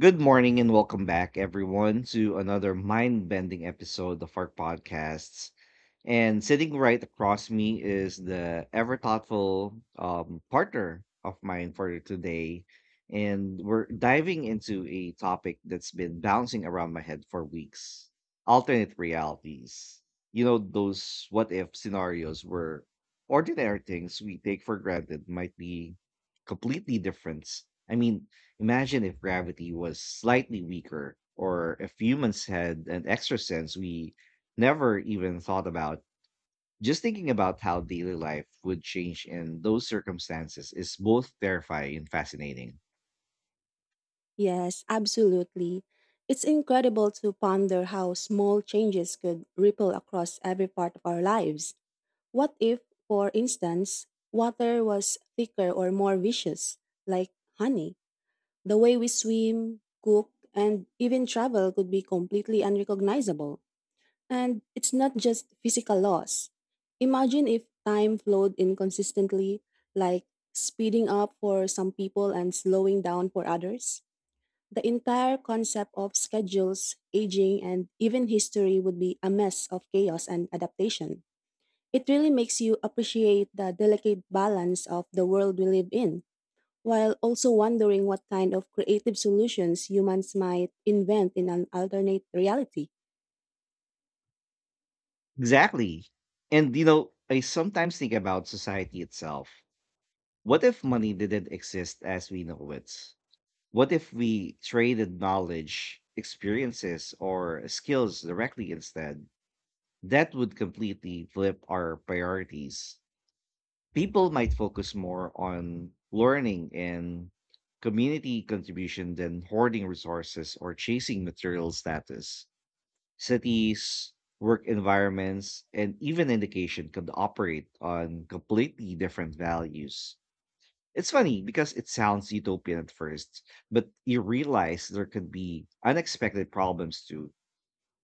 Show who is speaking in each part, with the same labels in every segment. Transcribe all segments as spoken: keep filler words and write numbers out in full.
Speaker 1: Good morning and welcome back, everyone, to another mind bending episode of our podcasts. And sitting right across me is the ever thoughtful um, partner of mine for today. And we're diving into a topic that's been bouncing around my head for weeks: alternate realities. You know, those what if scenarios where ordinary things we take for granted might be completely different. I mean, imagine if gravity was slightly weaker, or if humans had an extra sense we never even thought about. Just thinking about how daily life would change in those circumstances is both terrifying and fascinating.
Speaker 2: Yes, absolutely. It's incredible to ponder how small changes could ripple across every part of our lives. What if, for instance, water was thicker or more viscous, like honey? The way we swim, cook, and even travel could be completely unrecognizable. And it's not just physical loss. Imagine if time flowed inconsistently, like speeding up for some people and slowing down for others. The entire concept of schedules, aging, and even history would be a mess of chaos and adaptation. It really makes you appreciate the delicate balance of the world we live in, while also wondering what kind of creative solutions humans might invent in an alternate reality.
Speaker 1: Exactly. And you know, I sometimes think about society itself. What if money didn't exist as we know it? What if we traded knowledge, experiences, or skills directly instead? That would completely flip our priorities. People might focus more on learning and community contribution than hoarding resources or chasing material status. Cities, work environments, and even education could operate on completely different values. It's funny because it sounds utopian at first, but you realize there could be unexpected problems too.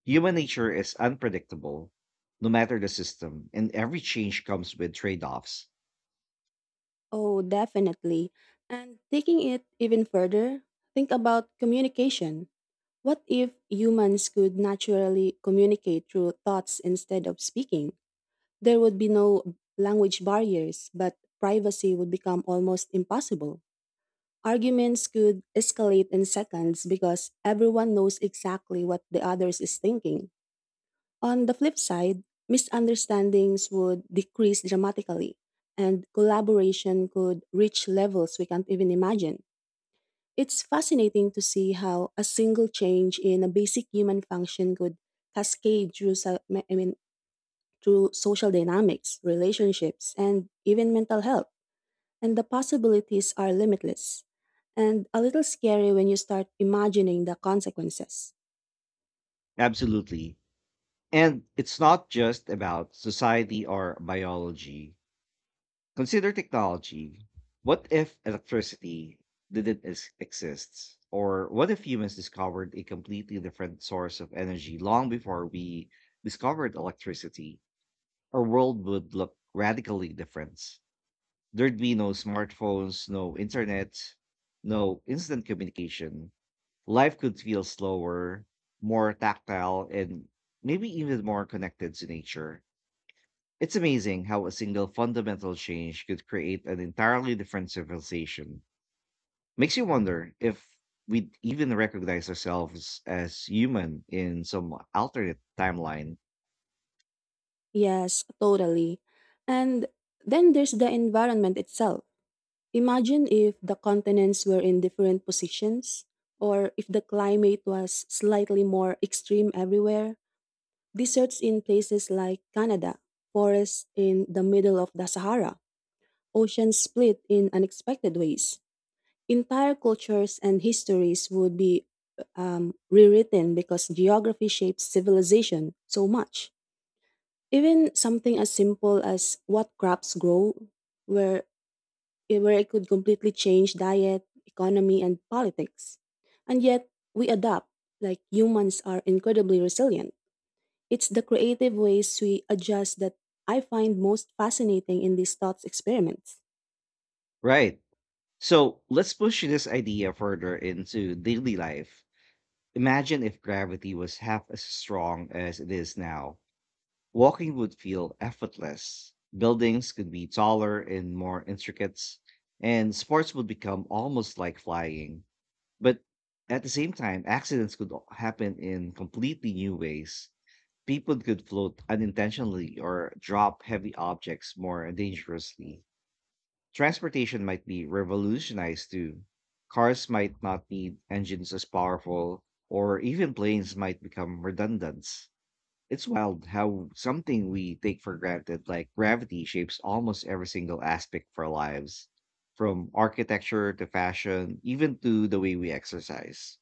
Speaker 1: Human nature is unpredictable, no matter the system, and every change comes with trade offs.
Speaker 2: Oh, definitely. And taking it even further, think about communication. What if humans could naturally communicate through thoughts instead of speaking? There would be no language barriers, but privacy would become almost impossible. Arguments could escalate in seconds because everyone knows exactly what the others is thinking. On the flip side, misunderstandings would decrease dramatically, and collaboration could reach levels we can't even imagine. It's fascinating to see how a single change in a basic human function could cascade through, so- I mean, through social dynamics, relationships, and even mental health. And the possibilities are limitless and a little scary when you start imagining the consequences.
Speaker 1: Absolutely. And it's not just about society or biology. Consider technology. What if electricity didn't ex- exist? Or what if humans discovered a completely different source of energy long before we discovered electricity? Our world would look radically different. There'd be no smartphones, no internet, no instant communication. Life could feel slower, more tactile, and maybe even more connected to nature. It's amazing how a single fundamental change could create an entirely different civilization. Makes you wonder if we'd even recognize ourselves as human in some alternate timeline.
Speaker 2: Yes, totally. And then there's the environment itself. Imagine if the continents were in different positions, or if the climate was slightly more extreme everywhere. Deserts in places like Canada, forests in the middle of the Sahara, oceans split in unexpected ways. Entire cultures and histories would be um, rewritten because geography shapes civilization so much. Even something as simple as what crops grow, where, where it could completely change diet, economy, and politics. And yet, we adapt, like humans are incredibly resilient. It's the creative ways we adjust that I find most fascinating in these thoughts experiments.
Speaker 1: Right. So let's push this idea further into daily life. Imagine if gravity was half as strong as it is now. Walking would feel effortless. Buildings could be taller and more intricate, and sports would become almost like flying. But at the same time, accidents could o- happen in completely new ways. People could float unintentionally or drop heavy objects more dangerously. Transportation might be revolutionized too. Cars might not need engines as powerful, or even planes might become redundant. It's wild how something we take for granted, like gravity, shapes almost every single aspect of our lives, from architecture to fashion, even to the way we exercise.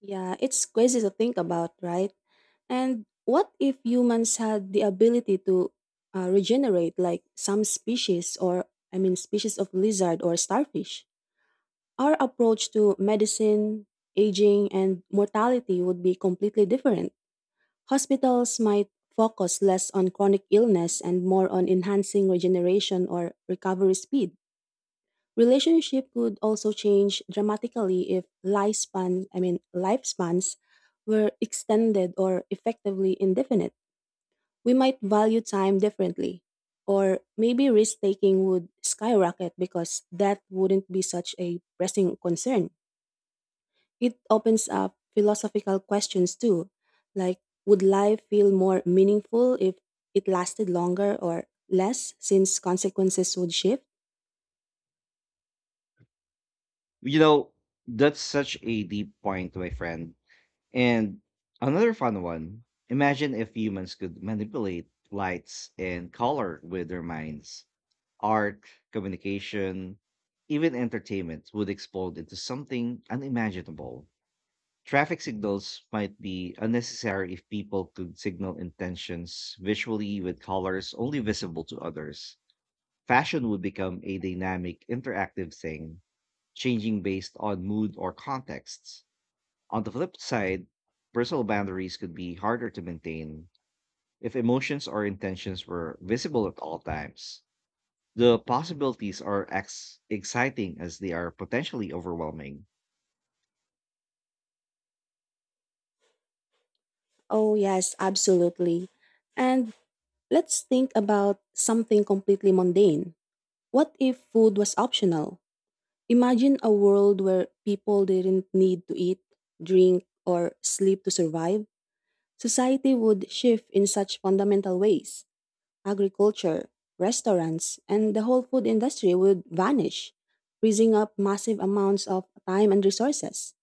Speaker 2: Yeah, it's crazy to think about, right? And what if humans had the ability to uh, regenerate, like some species, or I mean, species of lizard or starfish? Our approach to medicine, aging, and mortality would be completely different. Hospitals might focus less on chronic illness and more on enhancing regeneration or recovery speed. Relationship could also change dramatically if lifespan, I mean, lifespans were extended or effectively indefinite we might value time differently. Or maybe risk taking would skyrocket because that wouldn't be such a pressing concern. It opens up philosophical questions too, like would life feel more meaningful if it lasted longer or less since consequences would shift?
Speaker 1: You know, that's such a deep point, my friend. And another fun one: imagine if humans could manipulate lights and color with their minds. Art, communication, even entertainment would explode into something unimaginable. Traffic signals might be unnecessary if people could signal intentions visually with colors only visible to others. Fashion would become a dynamic, interactive thing, changing based on mood or contexts. On the flip side, personal boundaries could be harder to maintain if emotions or intentions were visible at all times. The possibilities are ex- exciting as they are potentially overwhelming.
Speaker 2: Oh, yes, absolutely. And let's think about something completely mundane. What if food was optional? Imagine a world where people didn't need to eat, drink, or sleep to survive. Society would shift in such fundamental ways. Agriculture, restaurants, and the whole food industry would vanish, freezing up massive amounts of time and resources.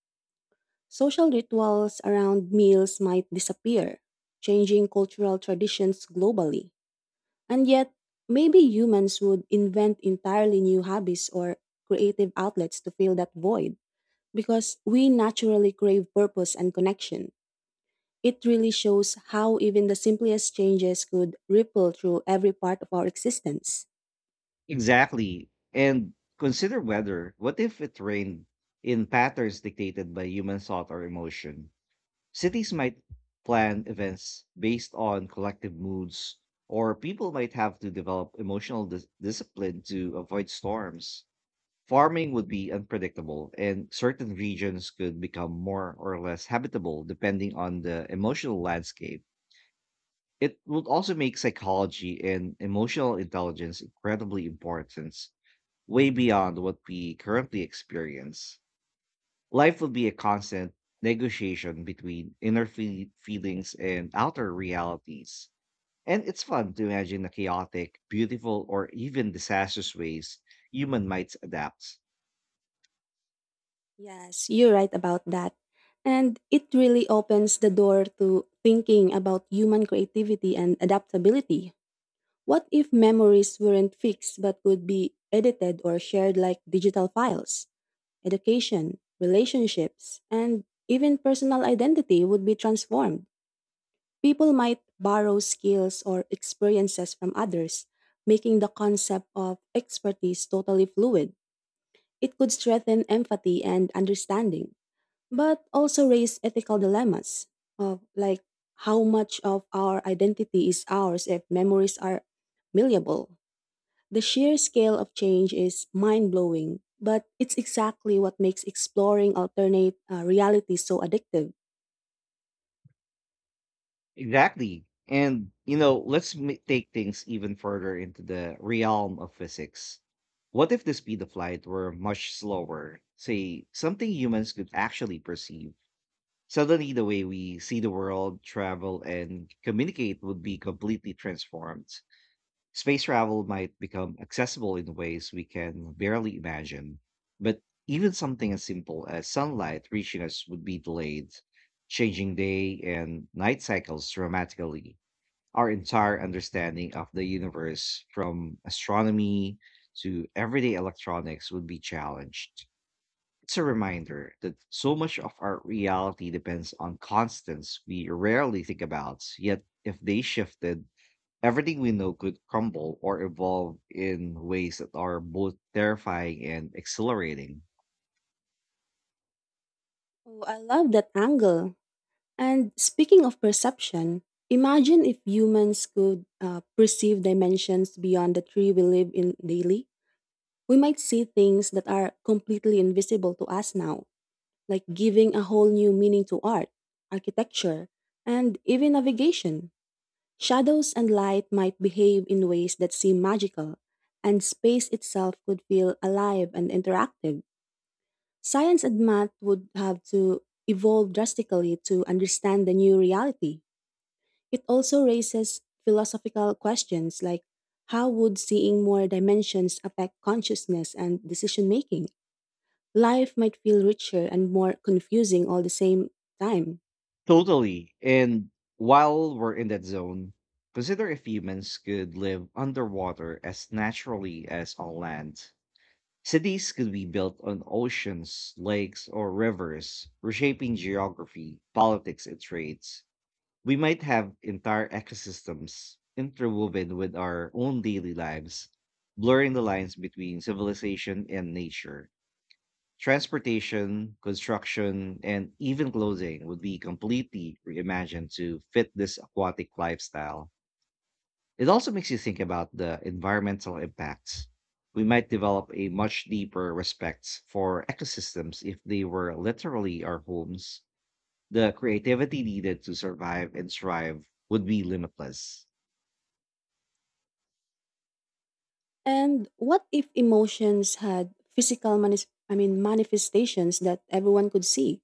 Speaker 2: Social rituals around meals might disappear, changing cultural traditions globally. And yet, maybe humans would invent entirely new hobbies or creative outlets to fill that void because we naturally crave purpose and connection. It really shows how even the simplest changes could ripple through every part of our existence.
Speaker 1: Exactly. And consider weather. What if it rained in patterns dictated by human thought or emotion? Cities might plan events based on collective moods, or people might have to develop emotional dis- discipline to avoid storms. Farming would be unpredictable, and certain regions could become more or less habitable depending on the emotional landscape. It would also make psychology and emotional intelligence incredibly important, way beyond what we currently experience. Life will be a constant negotiation between inner fe- feelings and outer realities. And it's fun to imagine the chaotic, beautiful, or even disastrous ways human might adapt.
Speaker 2: Yes, you're right about that. And it really opens the door to thinking about human creativity and adaptability. What if memories weren't fixed but could be edited or shared like digital files? Education, relationships, and even personal identity would be transformed. People might borrow skills or experiences from others, making the concept of expertise totally fluid. It could strengthen empathy and understanding, but also raise ethical dilemmas of like how much of our identity is ours if memories are malleable. The sheer scale of change is mind blowing, but it's exactly what makes exploring alternate uh, realities so addictive.
Speaker 1: Exactly. And, you know, let's ma- take things even further into the realm of physics. What if the speed of light were much slower? Say, something humans could actually perceive. Suddenly, the way we see the world, travel, and communicate would be completely transformed. Space travel might become accessible in ways we can barely imagine, but even something as simple as sunlight reaching us would be delayed, changing day and night cycles dramatically. Our entire understanding of the universe, from astronomy to everyday electronics, would be challenged. It's a reminder that so much of our reality depends on constants we rarely think about, yet, if they shifted, everything we know could crumble or evolve in ways that are both terrifying and exhilarating.
Speaker 2: Oh, I love that angle. And speaking of perception, imagine if humans could uh, perceive dimensions beyond the three we live in daily. We might see things that are completely invisible to us now, like giving a whole new meaning to art, architecture, and even navigation. Shadows and light might behave in ways that seem magical, and space itself could feel alive and interactive. Science and math would have to evolve drastically to understand the new reality. It also raises philosophical questions like how would seeing more dimensions affect consciousness and decision making? Life might feel richer and more confusing all the same time.
Speaker 1: Totally. And while we're in that zone, consider if humans could live underwater as naturally as on land. Cities could be built on oceans, lakes, or rivers, reshaping geography, politics, and trades. We might have entire ecosystems interwoven with our own daily lives, blurring the lines between civilization and nature. Transportation, construction, and even clothing would be completely reimagined to fit this aquatic lifestyle. It also makes you think about the environmental impacts. We might develop a much deeper respect for ecosystems if they were literally our homes. The creativity needed to survive and thrive would be limitless.
Speaker 2: And what if emotions had physical manis- I mean manifestations that everyone could see?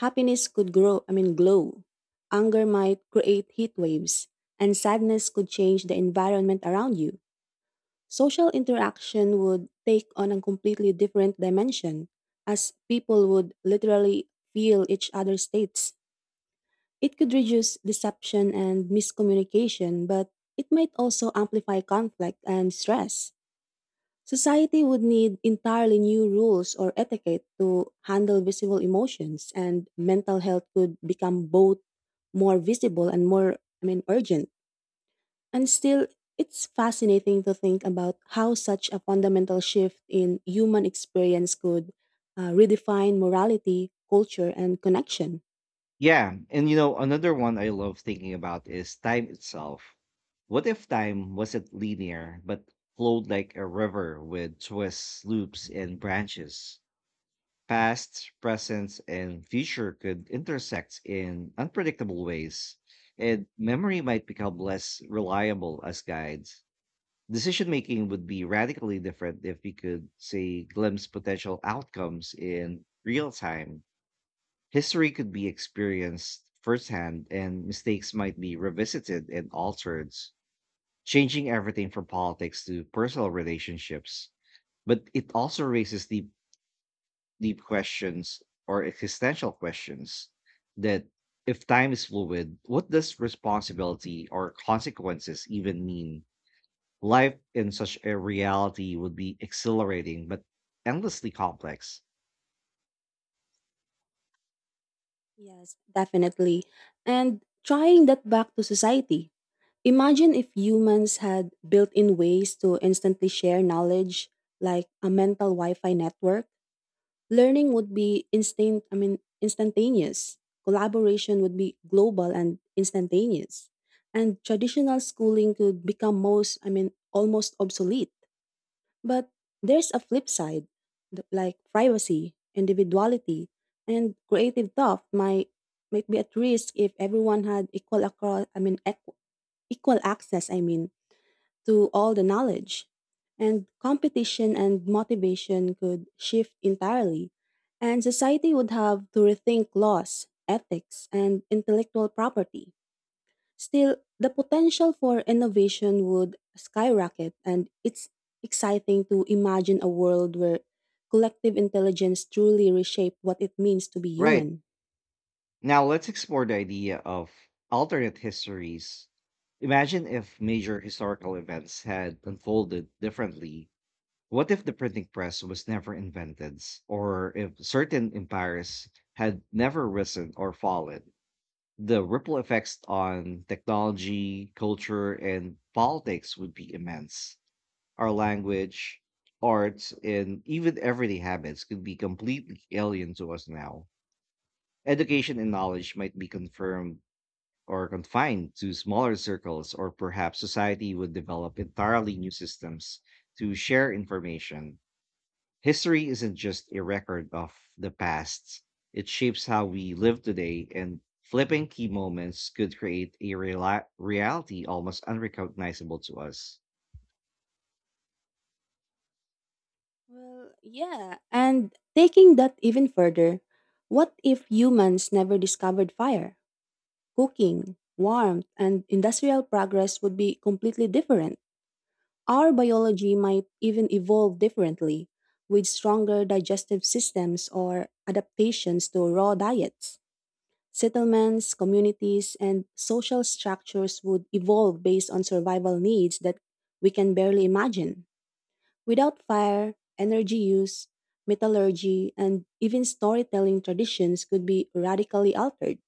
Speaker 2: Happiness could grow, I mean glow. Anger might create heat waves, and sadness could change the environment around you. Social interaction would take on a completely different dimension, as people would literally feel each other's states. It could reduce deception and miscommunication, but it might also amplify conflict and stress. Society would need entirely new rules or etiquette to handle visible emotions, and mental health could become both more visible and more, I mean, urgent. And still, it's fascinating to think about how such a fundamental shift in human experience could uh, redefine morality, culture, and connection.
Speaker 1: Yeah, and you know, another one I love thinking about is time itself. What if time wasn't linear but flowed like a river with twists, loops, and branches? Past, present, and future could intersect in unpredictable ways, and memory might become less reliable as guides. Decision making would be radically different if we could, say, glimpse potential outcomes in real time. History could be experienced firsthand, and mistakes might be revisited and altered, changing everything from politics to personal relationships. But it also raises deep, deep questions, or existential questions, that if time is fluid, what does responsibility or consequences even mean? Life in such a reality would be exhilarating but endlessly complex.
Speaker 2: Yes, definitely. And trying that back to society. Imagine if humans had built in ways to instantly share knowledge, like a mental Wi Fi network. Learning would be instant, I mean, instantaneous. Collaboration would be global and instantaneous. And traditional schooling could become most, I mean, almost obsolete. But there's a flip side, th- like privacy, individuality, and creative thought might might be at risk if everyone had equal across, I mean, equ- equal access, I mean to all the knowledge. And competition and motivation could shift entirely, and society would have to rethink laws, ethics, and intellectual property. Still, the potential for innovation would skyrocket, and it's exciting to imagine a world where collective intelligence truly reshaped what it means to be
Speaker 1: Right.
Speaker 2: human.
Speaker 1: Now let's explore the idea of alternate histories. Imagine if major historical events had unfolded differently. What if the printing press was never invented, or if certain empires had never risen or fallen? The ripple effects on technology, culture, and politics would be immense. Our language, arts, and even everyday habits could be completely alien to us now. Education and knowledge might be confirmed or confined to smaller circles, or perhaps society would develop entirely new systems to share information. History isn't just a record of the past, it shapes how we live today, and flipping key moments could create a reali- reality almost unrecognizable to us.
Speaker 2: Well, yeah, and taking that even further, what if humans never discovered fire? Cooking, warmth, and industrial progress would be completely different. Our biology might even evolve differently, with stronger digestive systems or adaptations to raw diets. Settlements, communities, and social structures would evolve based on survival needs that we can barely imagine. Without fire, energy use, metallurgy, and even storytelling traditions could be radically altered.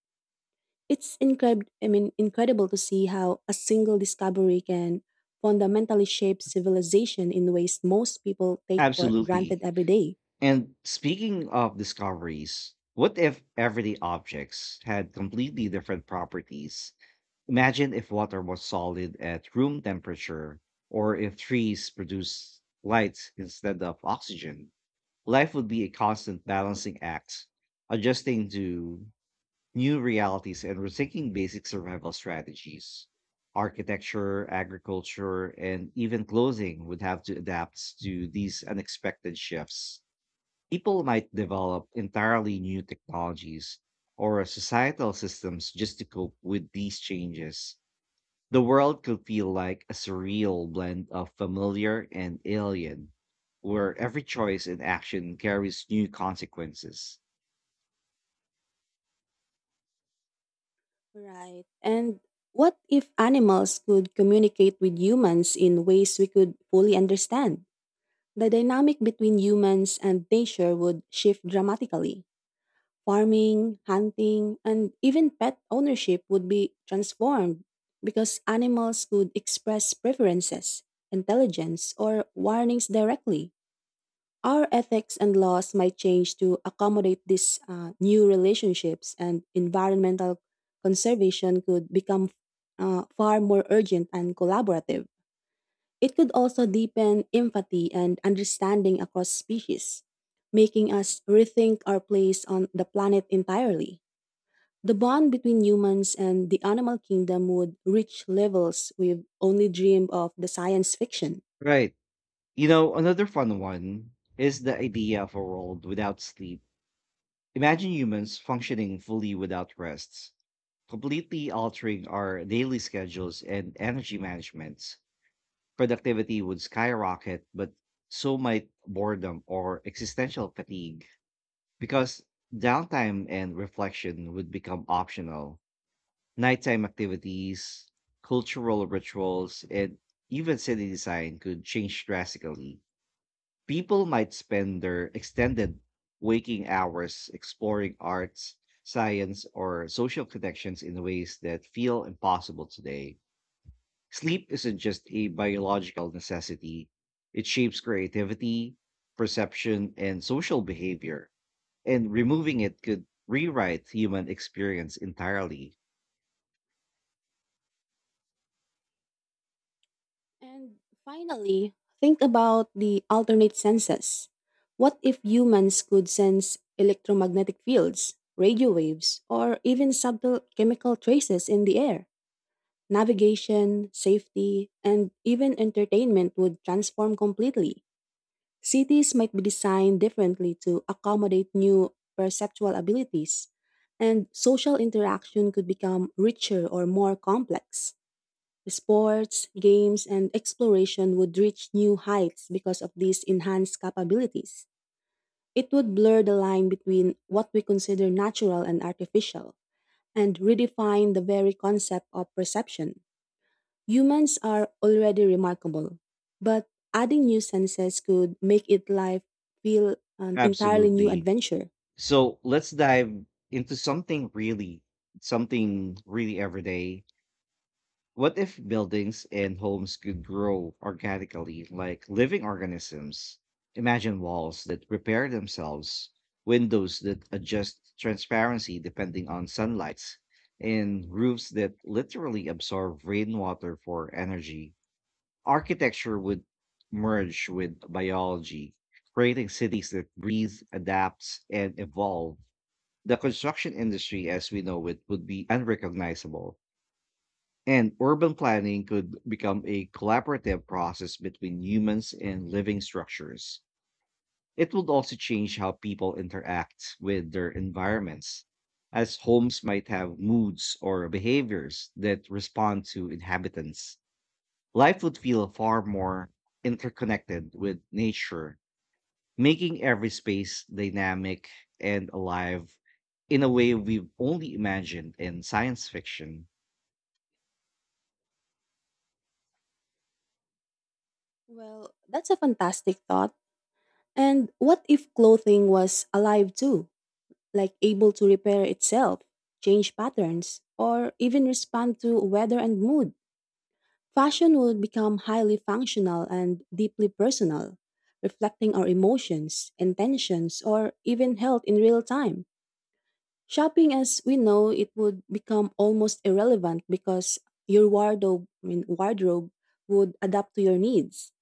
Speaker 2: It's incred- I mean, incredible to see how a single discovery can fundamentally shape civilization in ways most people take for granted
Speaker 1: Absolutely.
Speaker 2: every day.
Speaker 1: And speaking of discoveries, what if everyday objects had completely different properties? Imagine if water was solid at room temperature, or if trees produce light instead of oxygen. Life would be a constant balancing act, adjusting to new realities and rethinking basic survival strategies. Architecture, agriculture, and even clothing would have to adapt to these unexpected shifts. People might develop entirely new technologies or societal systems just to cope with these changes. The world could feel like a surreal blend of familiar and alien, where every choice and action carries new consequences.
Speaker 2: Right. And what if animals could communicate with humans in ways we could fully understand? The dynamic between humans and nature would shift dramatically. Farming, hunting, and even pet ownership would be transformed because animals could express preferences, intelligence, or warnings directly. Our ethics and laws might change to accommodate these uh, new relationships, and environmental conservation could become uh, far more urgent and collaborative. It could also deepen empathy and understanding across species, making us rethink our place on the planet entirely. The bond between humans and the animal kingdom would reach levels we've only dreamed of the science fiction.
Speaker 1: Right. You know, another fun one is the idea of a world without sleep. Imagine humans functioning fully without rests, completely altering our daily schedules and energy management. Productivity would skyrocket, but so might boredom or existential fatigue because downtime and reflection would become optional. Nighttime activities, cultural rituals, and even city design could change drastically. People might spend their extended waking hours exploring arts, science, or social connections in ways that feel impossible today. Sleep isn't just a biological necessity, it shapes creativity, perception, and social behavior, and removing it could rewrite human experience entirely.
Speaker 2: And finally, think about the alternate senses. What if humans could sense electromagnetic fields, radio waves, or even subtle chemical traces in the air? Navigation, safety, and even entertainment would transform completely. Cities might be designed differently to accommodate new perceptual abilities, and social interaction could become richer or more complex. Sports, games, and exploration would reach new heights because of these enhanced capabilities. It would blur the line between what we consider natural and artificial, and redefine the very concept of perception. Humans are already remarkable, but adding new senses could make it life feel an entirely new
Speaker 1: Absolutely.
Speaker 2: adventure.
Speaker 1: So let's dive into something really, something really everyday. What if buildings and homes could grow organically, like living organisms? Imagine walls that repair themselves, windows that adjust transparency depending on sunlight, and roofs that literally absorb rainwater for energy. Architecture would merge with biology, creating cities that breathe, adapt, and evolve. The construction industry as we know it would be unrecognizable, and urban planning could become a collaborative process between humans and living structures. It would also change how people interact with their environments, as homes might have moods or behaviors that respond to inhabitants. Life would feel far more interconnected with nature, making every space dynamic and alive in a way we've only imagined in science fiction.
Speaker 2: Well, that's a fantastic thought. And what if clothing was alive too, like able to repair itself, change patterns, or even respond to weather and mood? Fashion would become highly functional and deeply personal, reflecting our emotions, intentions, or even health in real time. Shopping as we know it would become almost irrelevant because your wardrobe, I mean, wardrobe would adapt to your needs.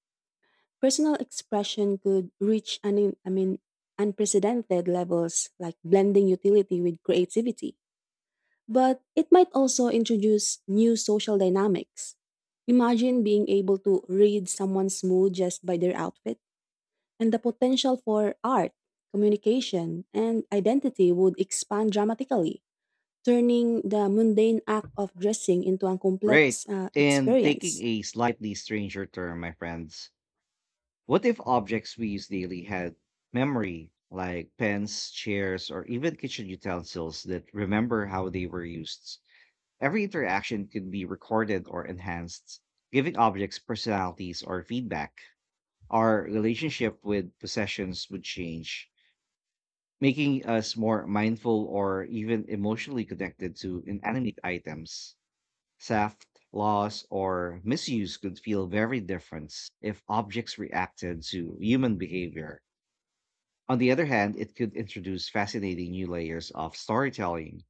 Speaker 2: Personal expression could reach an, I mean, unprecedented levels like blending utility with creativity. But it might also introduce new social dynamics. Imagine being able to read someone's mood just by their outfit, and the potential for art, communication, and identity would expand dramatically turning the mundane act of dressing into a
Speaker 1: Right.
Speaker 2: complex uh,
Speaker 1: And taking
Speaker 2: experience.
Speaker 1: a slightly stranger turn, my friends, what if objects we use daily had memory, like pens, chairs, or even kitchen utensils that remember how they were used? Every interaction could be recorded or enhanced, giving objects personalities or feedback. Our relationship with possessions would change, making us more mindful or even emotionally connected to inanimate items. Theft, loss, or misuse could feel very different if objects reacted to human behavior. On the other hand, it could introduce fascinating new layers of storytelling,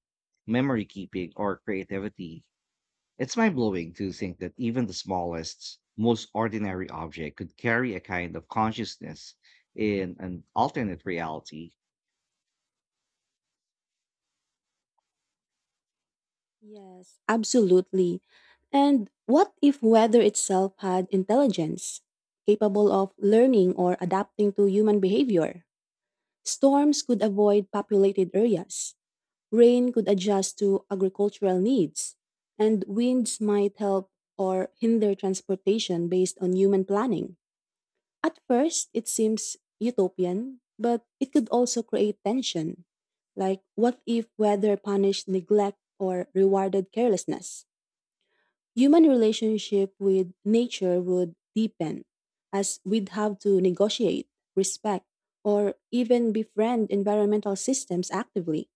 Speaker 1: memory keeping, or creativity. It's mind blowing to think that even the smallest, most ordinary object could carry a kind of consciousness in an alternate reality.
Speaker 2: Yes, absolutely. And what if weather itself had intelligence, capable of learning or adapting to human behavior? Storms could avoid populated areas, rain could adjust to agricultural needs, and winds might help or hinder transportation based on human planning. At first, it seems utopian, but it could also create tension. Like, what if weather punished neglect or rewarded carelessness? Human relationship with nature would deepen, as we'd have to negotiate, respect, or even befriend environmental systems actively.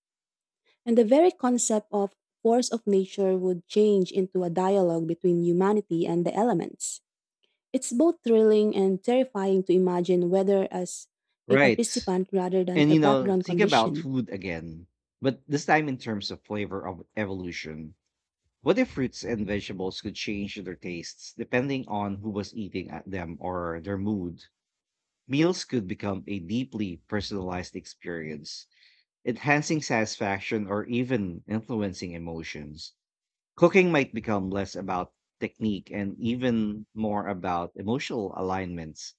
Speaker 2: And the very concept of force of nature would change into a dialogue between humanity and the elements. It's both thrilling and terrifying to imagine weather as a
Speaker 1: Right.
Speaker 2: participant rather than
Speaker 1: And
Speaker 2: a
Speaker 1: you know,
Speaker 2: background
Speaker 1: think about
Speaker 2: condition.
Speaker 1: food again, but this time in terms of flavor of evolution. What if fruits and vegetables could change their tastes depending on who was eating at them or their mood? Meals could become a deeply personalized experience, enhancing satisfaction or even influencing emotions. Cooking might become less about technique and even more about emotional alignments,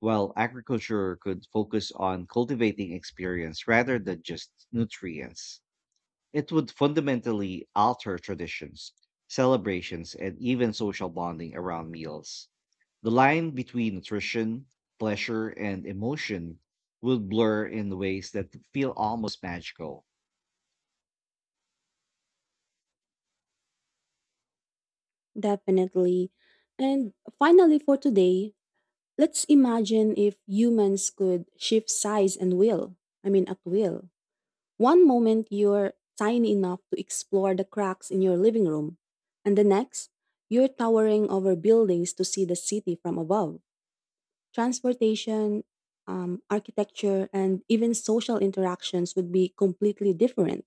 Speaker 1: while agriculture could focus on cultivating experience rather than just nutrients. It would fundamentally alter traditions, celebrations, and even social bonding around meals. The line between nutrition, pleasure, and emotion would blur in ways that feel almost magical.
Speaker 2: Definitely. And finally, for today, let's imagine if humans could shift size and will. I mean, at will. One moment you're tiny enough to explore the cracks in your living room, and the next, you're towering over buildings to see the city from above. Transportation, um, architecture, and even social interactions would be completely different.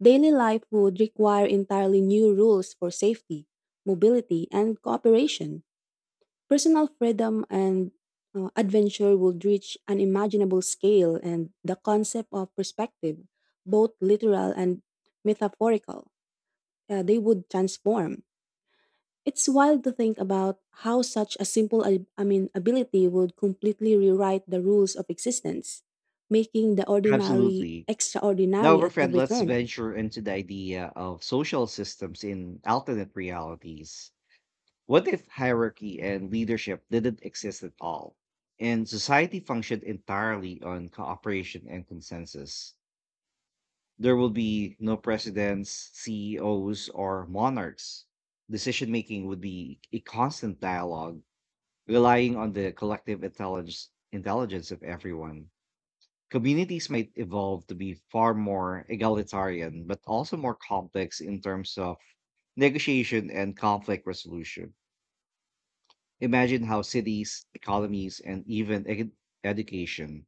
Speaker 2: Daily life would require entirely new rules for safety, mobility, and cooperation. Personal freedom and uh, adventure would reach an imaginable scale, and the concept of perspective, both literal and metaphorical, uh, they would transform. It's wild to think about how such a simple ab- I mean ability would completely rewrite the rules of existence, making the ordinary
Speaker 1: Absolutely. Now,
Speaker 2: extraordinary
Speaker 1: my
Speaker 2: at
Speaker 1: friend,
Speaker 2: every
Speaker 1: let's
Speaker 2: turn.
Speaker 1: venture into the idea of social systems in alternate realities. What if hierarchy and leadership didn't exist at all, and society functioned entirely on cooperation and consensus? There will be no presidents, C E Os, or monarchs. Decision making would be a constant dialogue, relying on the collective intelligence, intelligence of everyone. Communities might evolve to be far more egalitarian, but also more complex in terms of negotiation and conflict resolution. Imagine how cities, economies, and even ed- education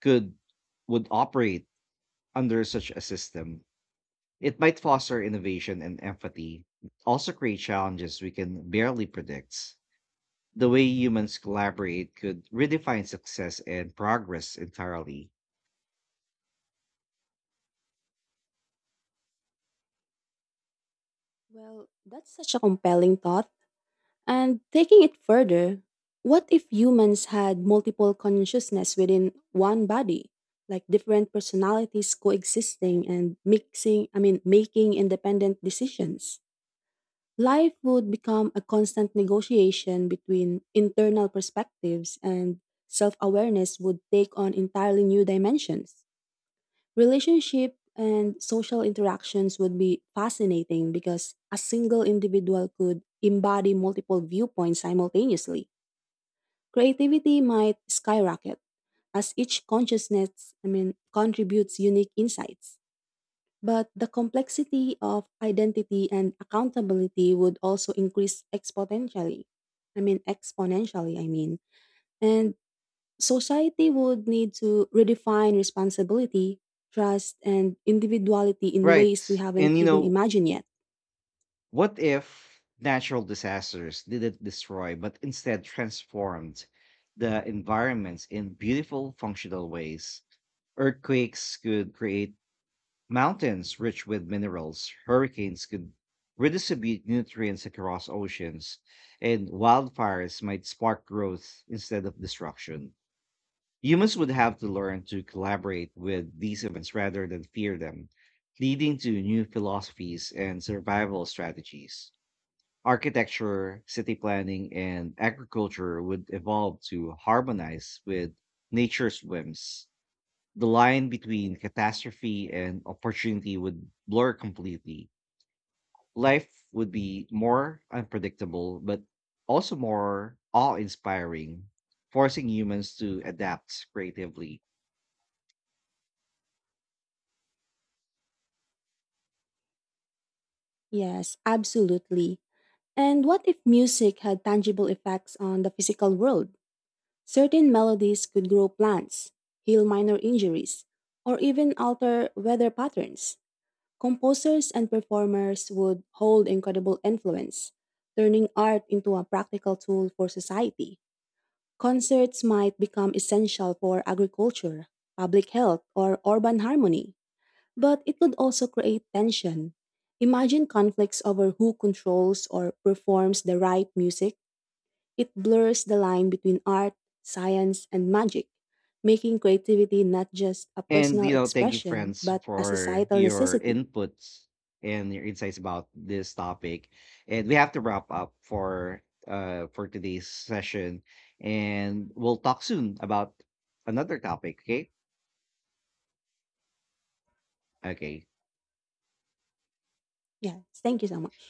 Speaker 1: could would operate under such a system. It might foster innovation and empathy, also create challenges we can barely predict. The way humans collaborate could redefine success and progress entirely.
Speaker 2: Well, that's such a compelling thought. And taking it further, what if humans had multiple consciousness within one body, like different personalities coexisting and mixing, I mean making independent decisions? Life would become a constant negotiation between internal perspectives, and self awareness would take on entirely new dimensions. Relationship and social interactions would be fascinating because a single individual could embody multiple viewpoints simultaneously. Creativity might skyrocket as each consciousness, I mean, contributes unique insights. But the complexity of identity and accountability would also increase exponentially. I mean, exponentially, I mean. And society would need to redefine responsibility, trust, and individuality in ways we
Speaker 1: Right.
Speaker 2: haven't
Speaker 1: And you
Speaker 2: even
Speaker 1: know,
Speaker 2: imagined yet.
Speaker 1: what if natural disasters didn't destroy but instead transformed the environments in beautiful, functional ways? Earthquakes could create mountains rich with minerals, hurricanes could redistribute nutrients across oceans, and wildfires might spark growth instead of destruction. Humans would have to learn to collaborate with these events rather than fear them, leading to new philosophies and survival strategies. Architecture, city planning, and agriculture would evolve to harmonize with nature's whims. The line between catastrophe and opportunity would blur completely. Life would be more unpredictable, but also more awe inspiring, forcing humans to adapt creatively.
Speaker 2: Yes, absolutely. And what if music had tangible effects on the physical world? Certain melodies could grow plants, heal minor injuries, or even alter weather patterns. Composers and performers would hold incredible influence, turning art into a practical tool for society. Concerts might become essential for agriculture, public health, or urban harmony, but it could also create tension. Imagine conflicts over who controls or performs the right music. It blurs the line between art, science, and magic, making creativity not just a
Speaker 1: And,
Speaker 2: personal
Speaker 1: you know, thank you,
Speaker 2: expression,
Speaker 1: friends,
Speaker 2: but a
Speaker 1: for
Speaker 2: societal
Speaker 1: your
Speaker 2: necessity.
Speaker 1: inputs and your insights about this topic. And we have to wrap up for uh for today's session, and we'll talk soon about another topic. Okay? Okay.
Speaker 2: Yes. Thank you so much.